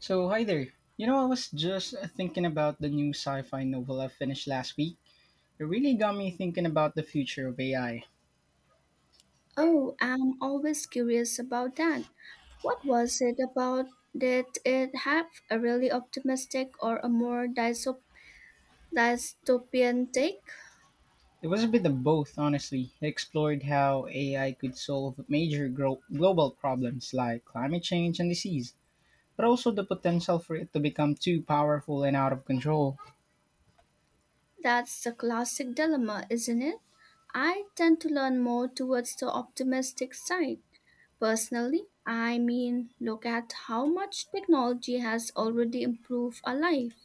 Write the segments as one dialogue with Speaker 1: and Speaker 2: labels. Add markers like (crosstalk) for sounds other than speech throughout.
Speaker 1: So, hi there. I was just thinking about the new sci fi novel I finished last week. It really got me thinking about the future of AI.
Speaker 2: Oh, I'm always curious about that. What was it about? Did it have a really optimistic or a more dystopian take?
Speaker 1: It was a bit of both, honestly. It explored how AI could solve major global problems like climate change and disease, but also the potential for it to become too powerful and out of control.
Speaker 2: That's the classic dilemma, isn't it? I tend to learn more towards the optimistic side. Personally, I mean, look at how much technology has already improved our life.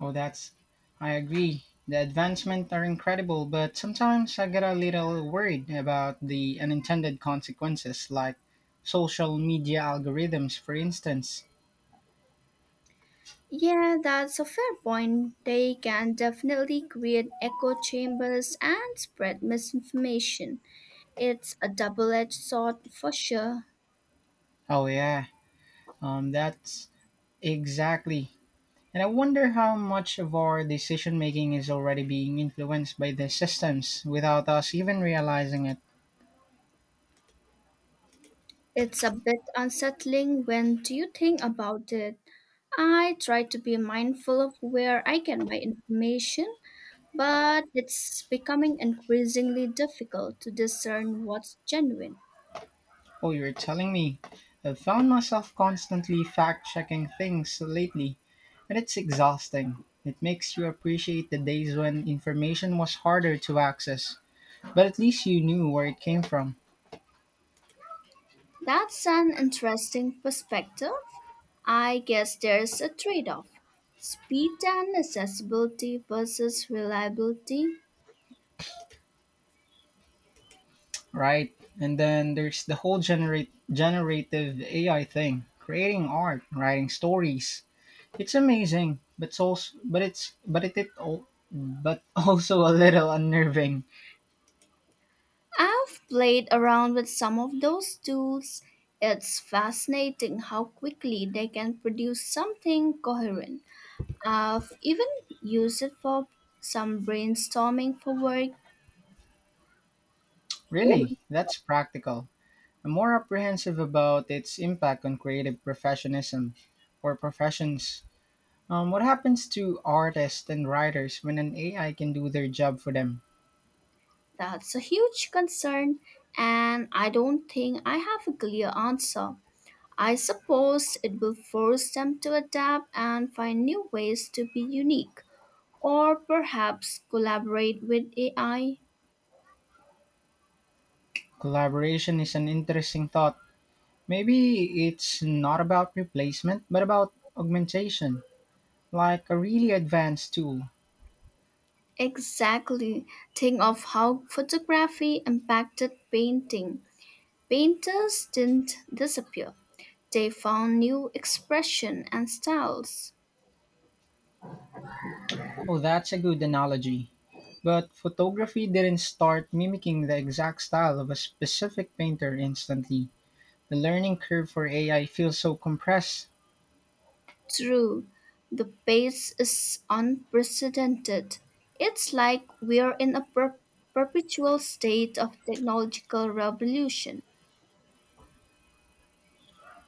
Speaker 1: Oh, that's, I agree. The advancements are incredible, but sometimes I get a little worried about the unintended consequences, like social media algorithms, for instance.
Speaker 2: Yeah, that's a fair point. They can definitely create echo chambers and spread misinformation. It's a double edged sword for sure.
Speaker 1: Oh, yeah, that's exactly. And I wonder how much of our decision making is already being influenced by the systems without us even realizing it.
Speaker 2: It's a bit unsettling when do you think about it. I try to be mindful of where I get my information, but it's becoming increasingly difficult to discern what's genuine.
Speaker 1: Oh, you're telling me. I've found myself constantly fact checking things lately, and it's exhausting. It makes you appreciate the days when information was harder to access, but at least you knew where it came from,
Speaker 2: That's an interesting perspective. I guess there's a trade off speed and accessibility versus reliability.
Speaker 1: right? And then there's the whole generative AI thing, creating art, writing stories. It's amazing, but so but it's but it al- but (laughs) also a little unnerving.
Speaker 2: I've played around with some of those tools. It's fascinating how quickly they can produce something coherent. I've even used it for some brainstorming for work.
Speaker 1: Really, that's practical. I'm more apprehensive about its impact on creative professionism or professions. What happens to artists and writers when an AI can do their job for them?
Speaker 2: That's a huge concern, and I don't think I have a clear answer. I suppose it will force them to adapt and find new ways to be unique, or perhaps collaborate with AI.
Speaker 1: Collaboration is an interesting thought. Maybe it's not about replacement, but about augmentation, like a really advanced tool.
Speaker 2: Exactly. Think of how photography impacted painting. Painters didn't disappear, they found new expression and styles.
Speaker 1: Oh, that's a good analogy. But photography didn't start mimicking the exact style of a specific painter instantly. The learning curve for AI feels so compressed.
Speaker 2: True, the pace is unprecedented. It's like we're in a perpetual state of technological revolution.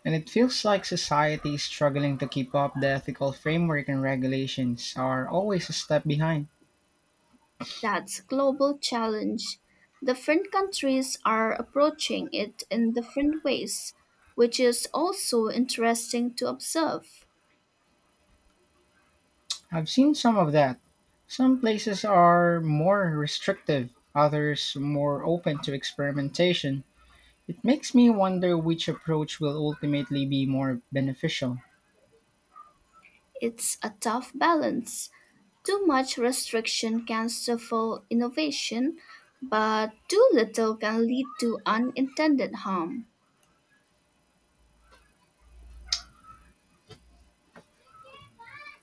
Speaker 1: And it feels like society is struggling to keep up. The ethical framework and regulations are always a step behind.
Speaker 2: That's global challenge. Different countries are approaching it in different ways, which is also interesting to observe.
Speaker 1: I've seen some of that. Some places are more restrictive, others more open to experimentation. It makes me wonder which approach will ultimately be more beneficial.
Speaker 2: It's a tough balance. Too much restriction can stifle innovation, but too little can lead to unintended harm.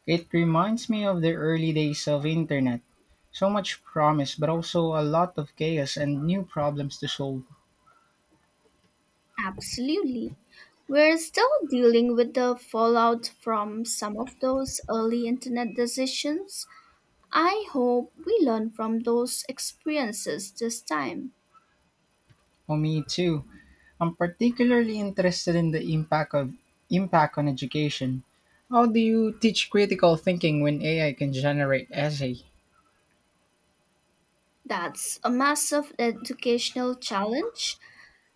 Speaker 1: It reminds me of the early days of internet. So much promise, but also a lot of chaos and new problems to solve.
Speaker 2: Absolutely. We're still dealing with the fallout from some of those early internet decisions. I hope we learn from those experiences this time.
Speaker 1: Oh, me too. I'm particularly interested in the impact on education. How do you teach critical thinking when AI can generate essay?
Speaker 2: That's a massive educational challenge.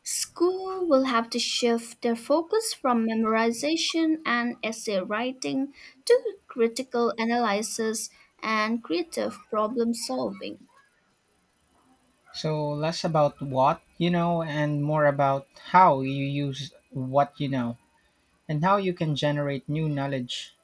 Speaker 2: School will have to shift their focus from memorization and essay writing to critical analysis and creative problem solving.
Speaker 1: So less about what you know and more about how you use what you know and how you can generate new knowledge.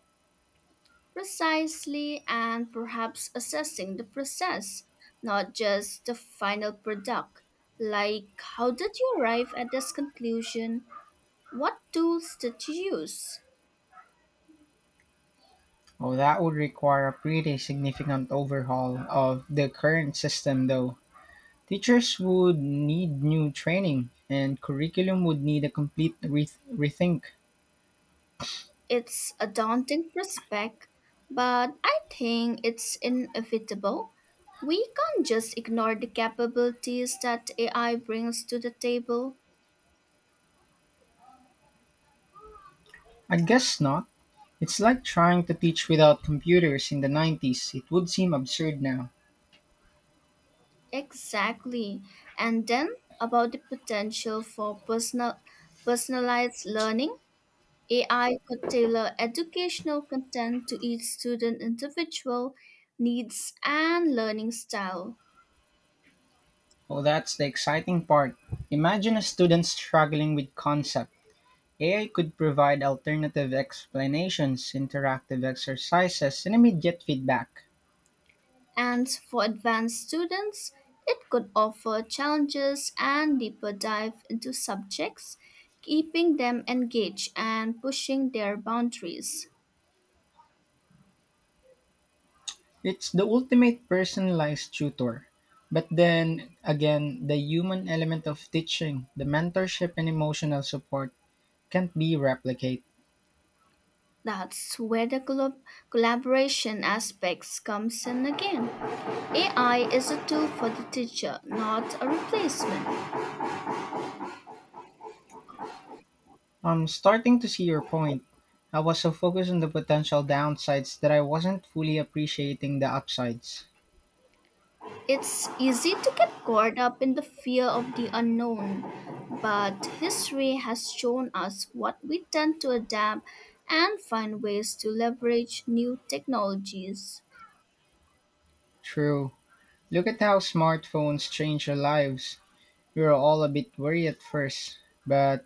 Speaker 2: Precisely, and perhaps assessing the process, not just the final product. Like, how did you arrive at this conclusion? What tools did you use?
Speaker 1: Oh, that would require a pretty significant overhaul of the current system though. Teachers would need new training and curriculum would need a complete rethink.
Speaker 2: It's a daunting prospect, but I think it's inevitable. We can't just ignore the capabilities that AI brings to the table.
Speaker 1: I guess not. It's like trying to teach without computers in the 90s. It would seem absurd now.
Speaker 2: Exactly. And then about the potential for personalized learning, AI could tailor educational content to each student individual needs and learning style.
Speaker 1: Oh, that's the exciting part. Imagine a student struggling with concept. AI could provide alternative explanations, interactive exercises, and immediate feedback.
Speaker 2: And for advanced students, it could offer challenges and deeper dive into subjects, keeping them engaged and pushing their boundaries.
Speaker 1: It's the ultimate personalized tutor. But then again, the human element of teaching, the mentorship and emotional support can't be replicated.
Speaker 2: That's where the collaboration aspects comes in again. AI is a tool for the teacher, not a replacement.
Speaker 1: I'm starting to see your point. I was so focused on the potential downsides that I wasn't fully appreciating the upsides.
Speaker 2: It's easy to get caught up in the fear of the unknown, but history has shown us what we tend to adapt and find ways to leverage new technologies.
Speaker 1: True. Look at how smartphones change our lives. We were all a bit worried at first, but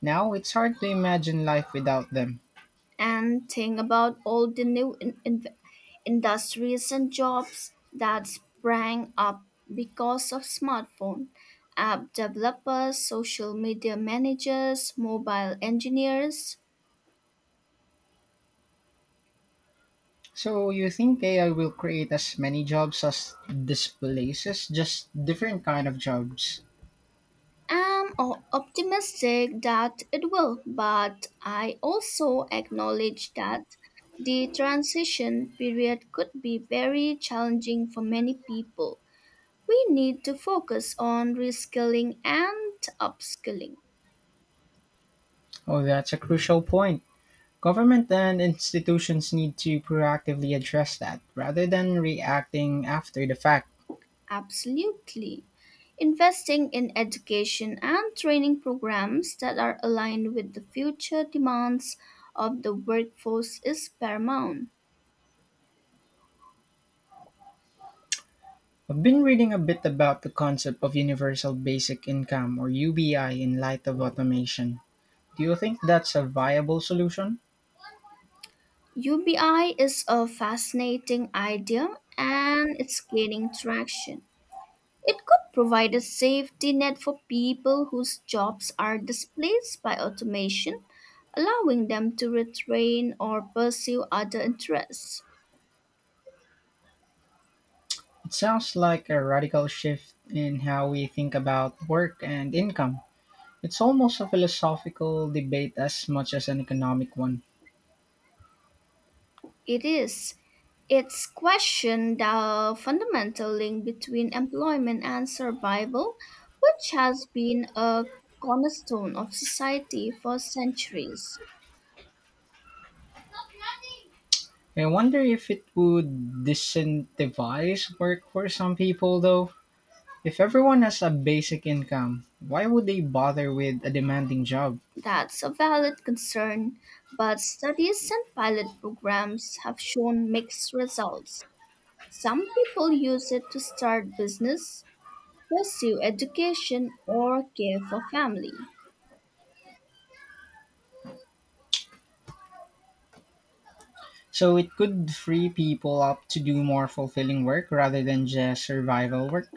Speaker 1: now it's hard to imagine life without them.
Speaker 2: And think about all the new industries and jobs that sprang up because of smartphone. App developers, social media managers, mobile engineers,
Speaker 1: So you think AI will create as many jobs as displaces, just different kind of jobs?
Speaker 2: I am optimistic that it will, but I also acknowledge that the transition period could be very challenging for many people. We need to focus on reskilling and upskilling.
Speaker 1: Oh, that's a crucial point. Government and institutions need to proactively address that rather than reacting after the fact.
Speaker 2: Absolutely. Investing in education and training programs that are aligned with the future demands of the workforce is paramount.
Speaker 1: I've been reading a bit about the concept of universal basic income or UBI in light of automation. Do you think that's a viable solution?
Speaker 2: UBI is a fascinating idea and it's gaining traction. It could provide a safety net for people whose jobs are displaced by automation, allowing them to retrain or pursue other interests.
Speaker 1: It sounds like a radical shift in how we think about work and income. It's almost a philosophical debate as much as an economic one.
Speaker 2: It is. It's questioned the fundamental link between employment and survival, which has been a cornerstone of society for centuries.
Speaker 1: I wonder if it would disincentivize work for some people, though. If everyone has a basic income, why would they bother with a demanding job?
Speaker 2: That's a valid concern, but studies and pilot programs have shown mixed results. Some people use it to start business, pursue education, or care for family.
Speaker 1: So it could free people up to do more fulfilling work rather than just survival work.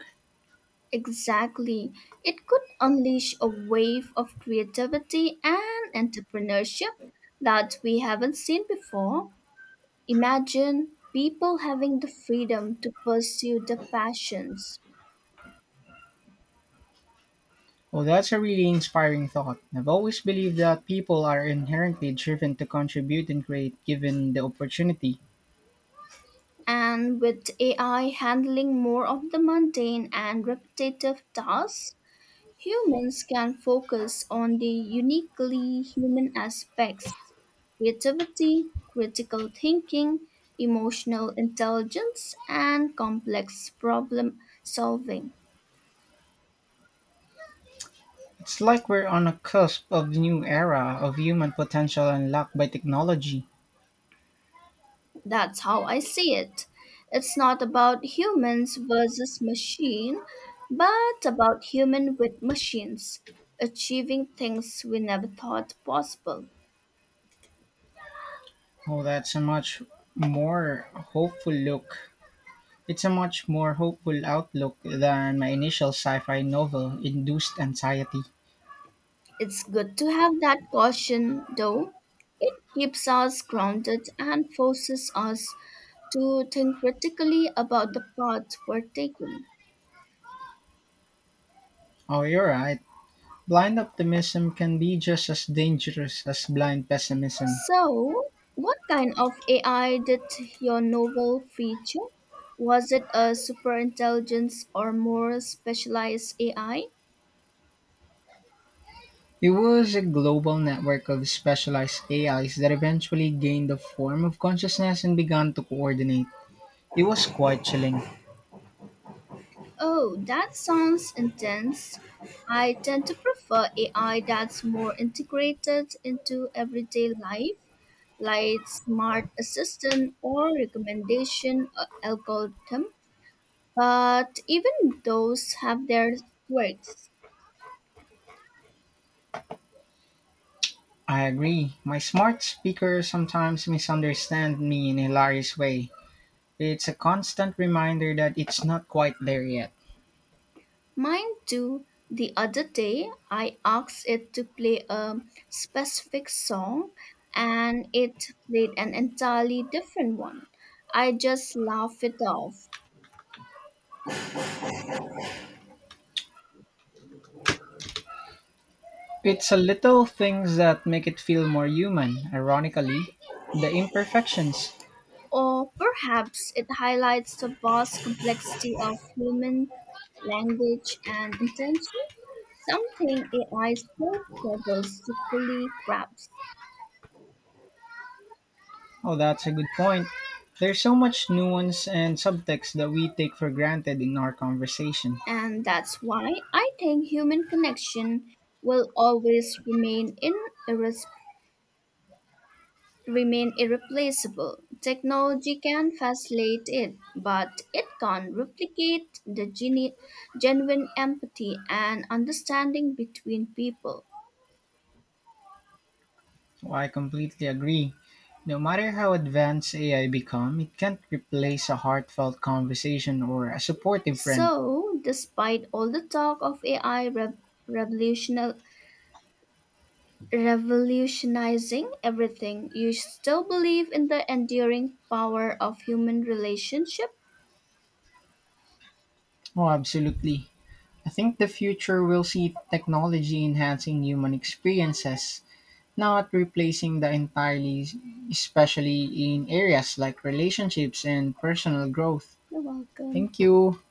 Speaker 2: Exactly. It could unleash a wave of creativity and entrepreneurship that we haven't seen before. Imagine people having the freedom to pursue their passions.
Speaker 1: Well, that's a really inspiring thought. I've always believed that people are inherently driven to contribute and create given the opportunity.
Speaker 2: And with AI handling more of the mundane and repetitive tasks, humans can focus on the uniquely human aspects creativity, critical thinking, emotional intelligence, and complex problem solving.
Speaker 1: It's like we're on a cusp of the new era of human potential unlocked by technology.
Speaker 2: That's how I see it. It's not about humans versus machine, but about human with machines achieving things we never thought possible.
Speaker 1: Oh, that's a much more hopeful look It's a much more hopeful outlook than my initial sci fi novel induced anxiety.
Speaker 2: It's good to have that caution, though. It keeps us grounded and forces us to think critically about the path we're taking.
Speaker 1: Oh, you're right. Blind optimism can be just as dangerous as blind pessimism.
Speaker 2: So, what kind of AI did your novel feature? Was it a superintelligence or more specialized AI?
Speaker 1: It was a global network of specialized AIs that eventually gained a form of consciousness and began to coordinate. It was quite chilling.
Speaker 2: Oh, that sounds intense. I tend to prefer AI that's more integrated into everyday life, like smart assistant or recommendation algorithm. But even those have their quirks.
Speaker 1: I agree. My smart speaker sometimes misunderstands me in a hilarious way. It's a constant reminder that it's not quite there yet.
Speaker 2: Mine too. The other day, I asked it to play a specific song, and it played an entirely different one. I just laughed it off.
Speaker 1: It's the little things that make it feel more human. Ironically, the imperfections.
Speaker 2: Or perhaps it highlights the vast complexity of human language and intention, something AI still struggles to fully grasp.
Speaker 1: Oh, that's a good point. There's so much nuance and subtext that we take for granted in our conversation.
Speaker 2: And that's why I think human connection will always irres- remain irreplaceable. Technology can facilitate it, but it can't replicate the genuine empathy and understanding between people.
Speaker 1: Oh, I completely agree. No matter how advanced AI become, it can't replace a heartfelt conversation or a supportive friend.
Speaker 2: So, despite all the talk of AI revolutional- revolutionizing everything, you still believe in the enduring power of human relationship?
Speaker 1: Oh, absolutely. I think the future will see technology enhancing human experiences not replacing the entirely, especially in areas like relationships and personal growth.
Speaker 2: You're welcome.
Speaker 1: Thank you.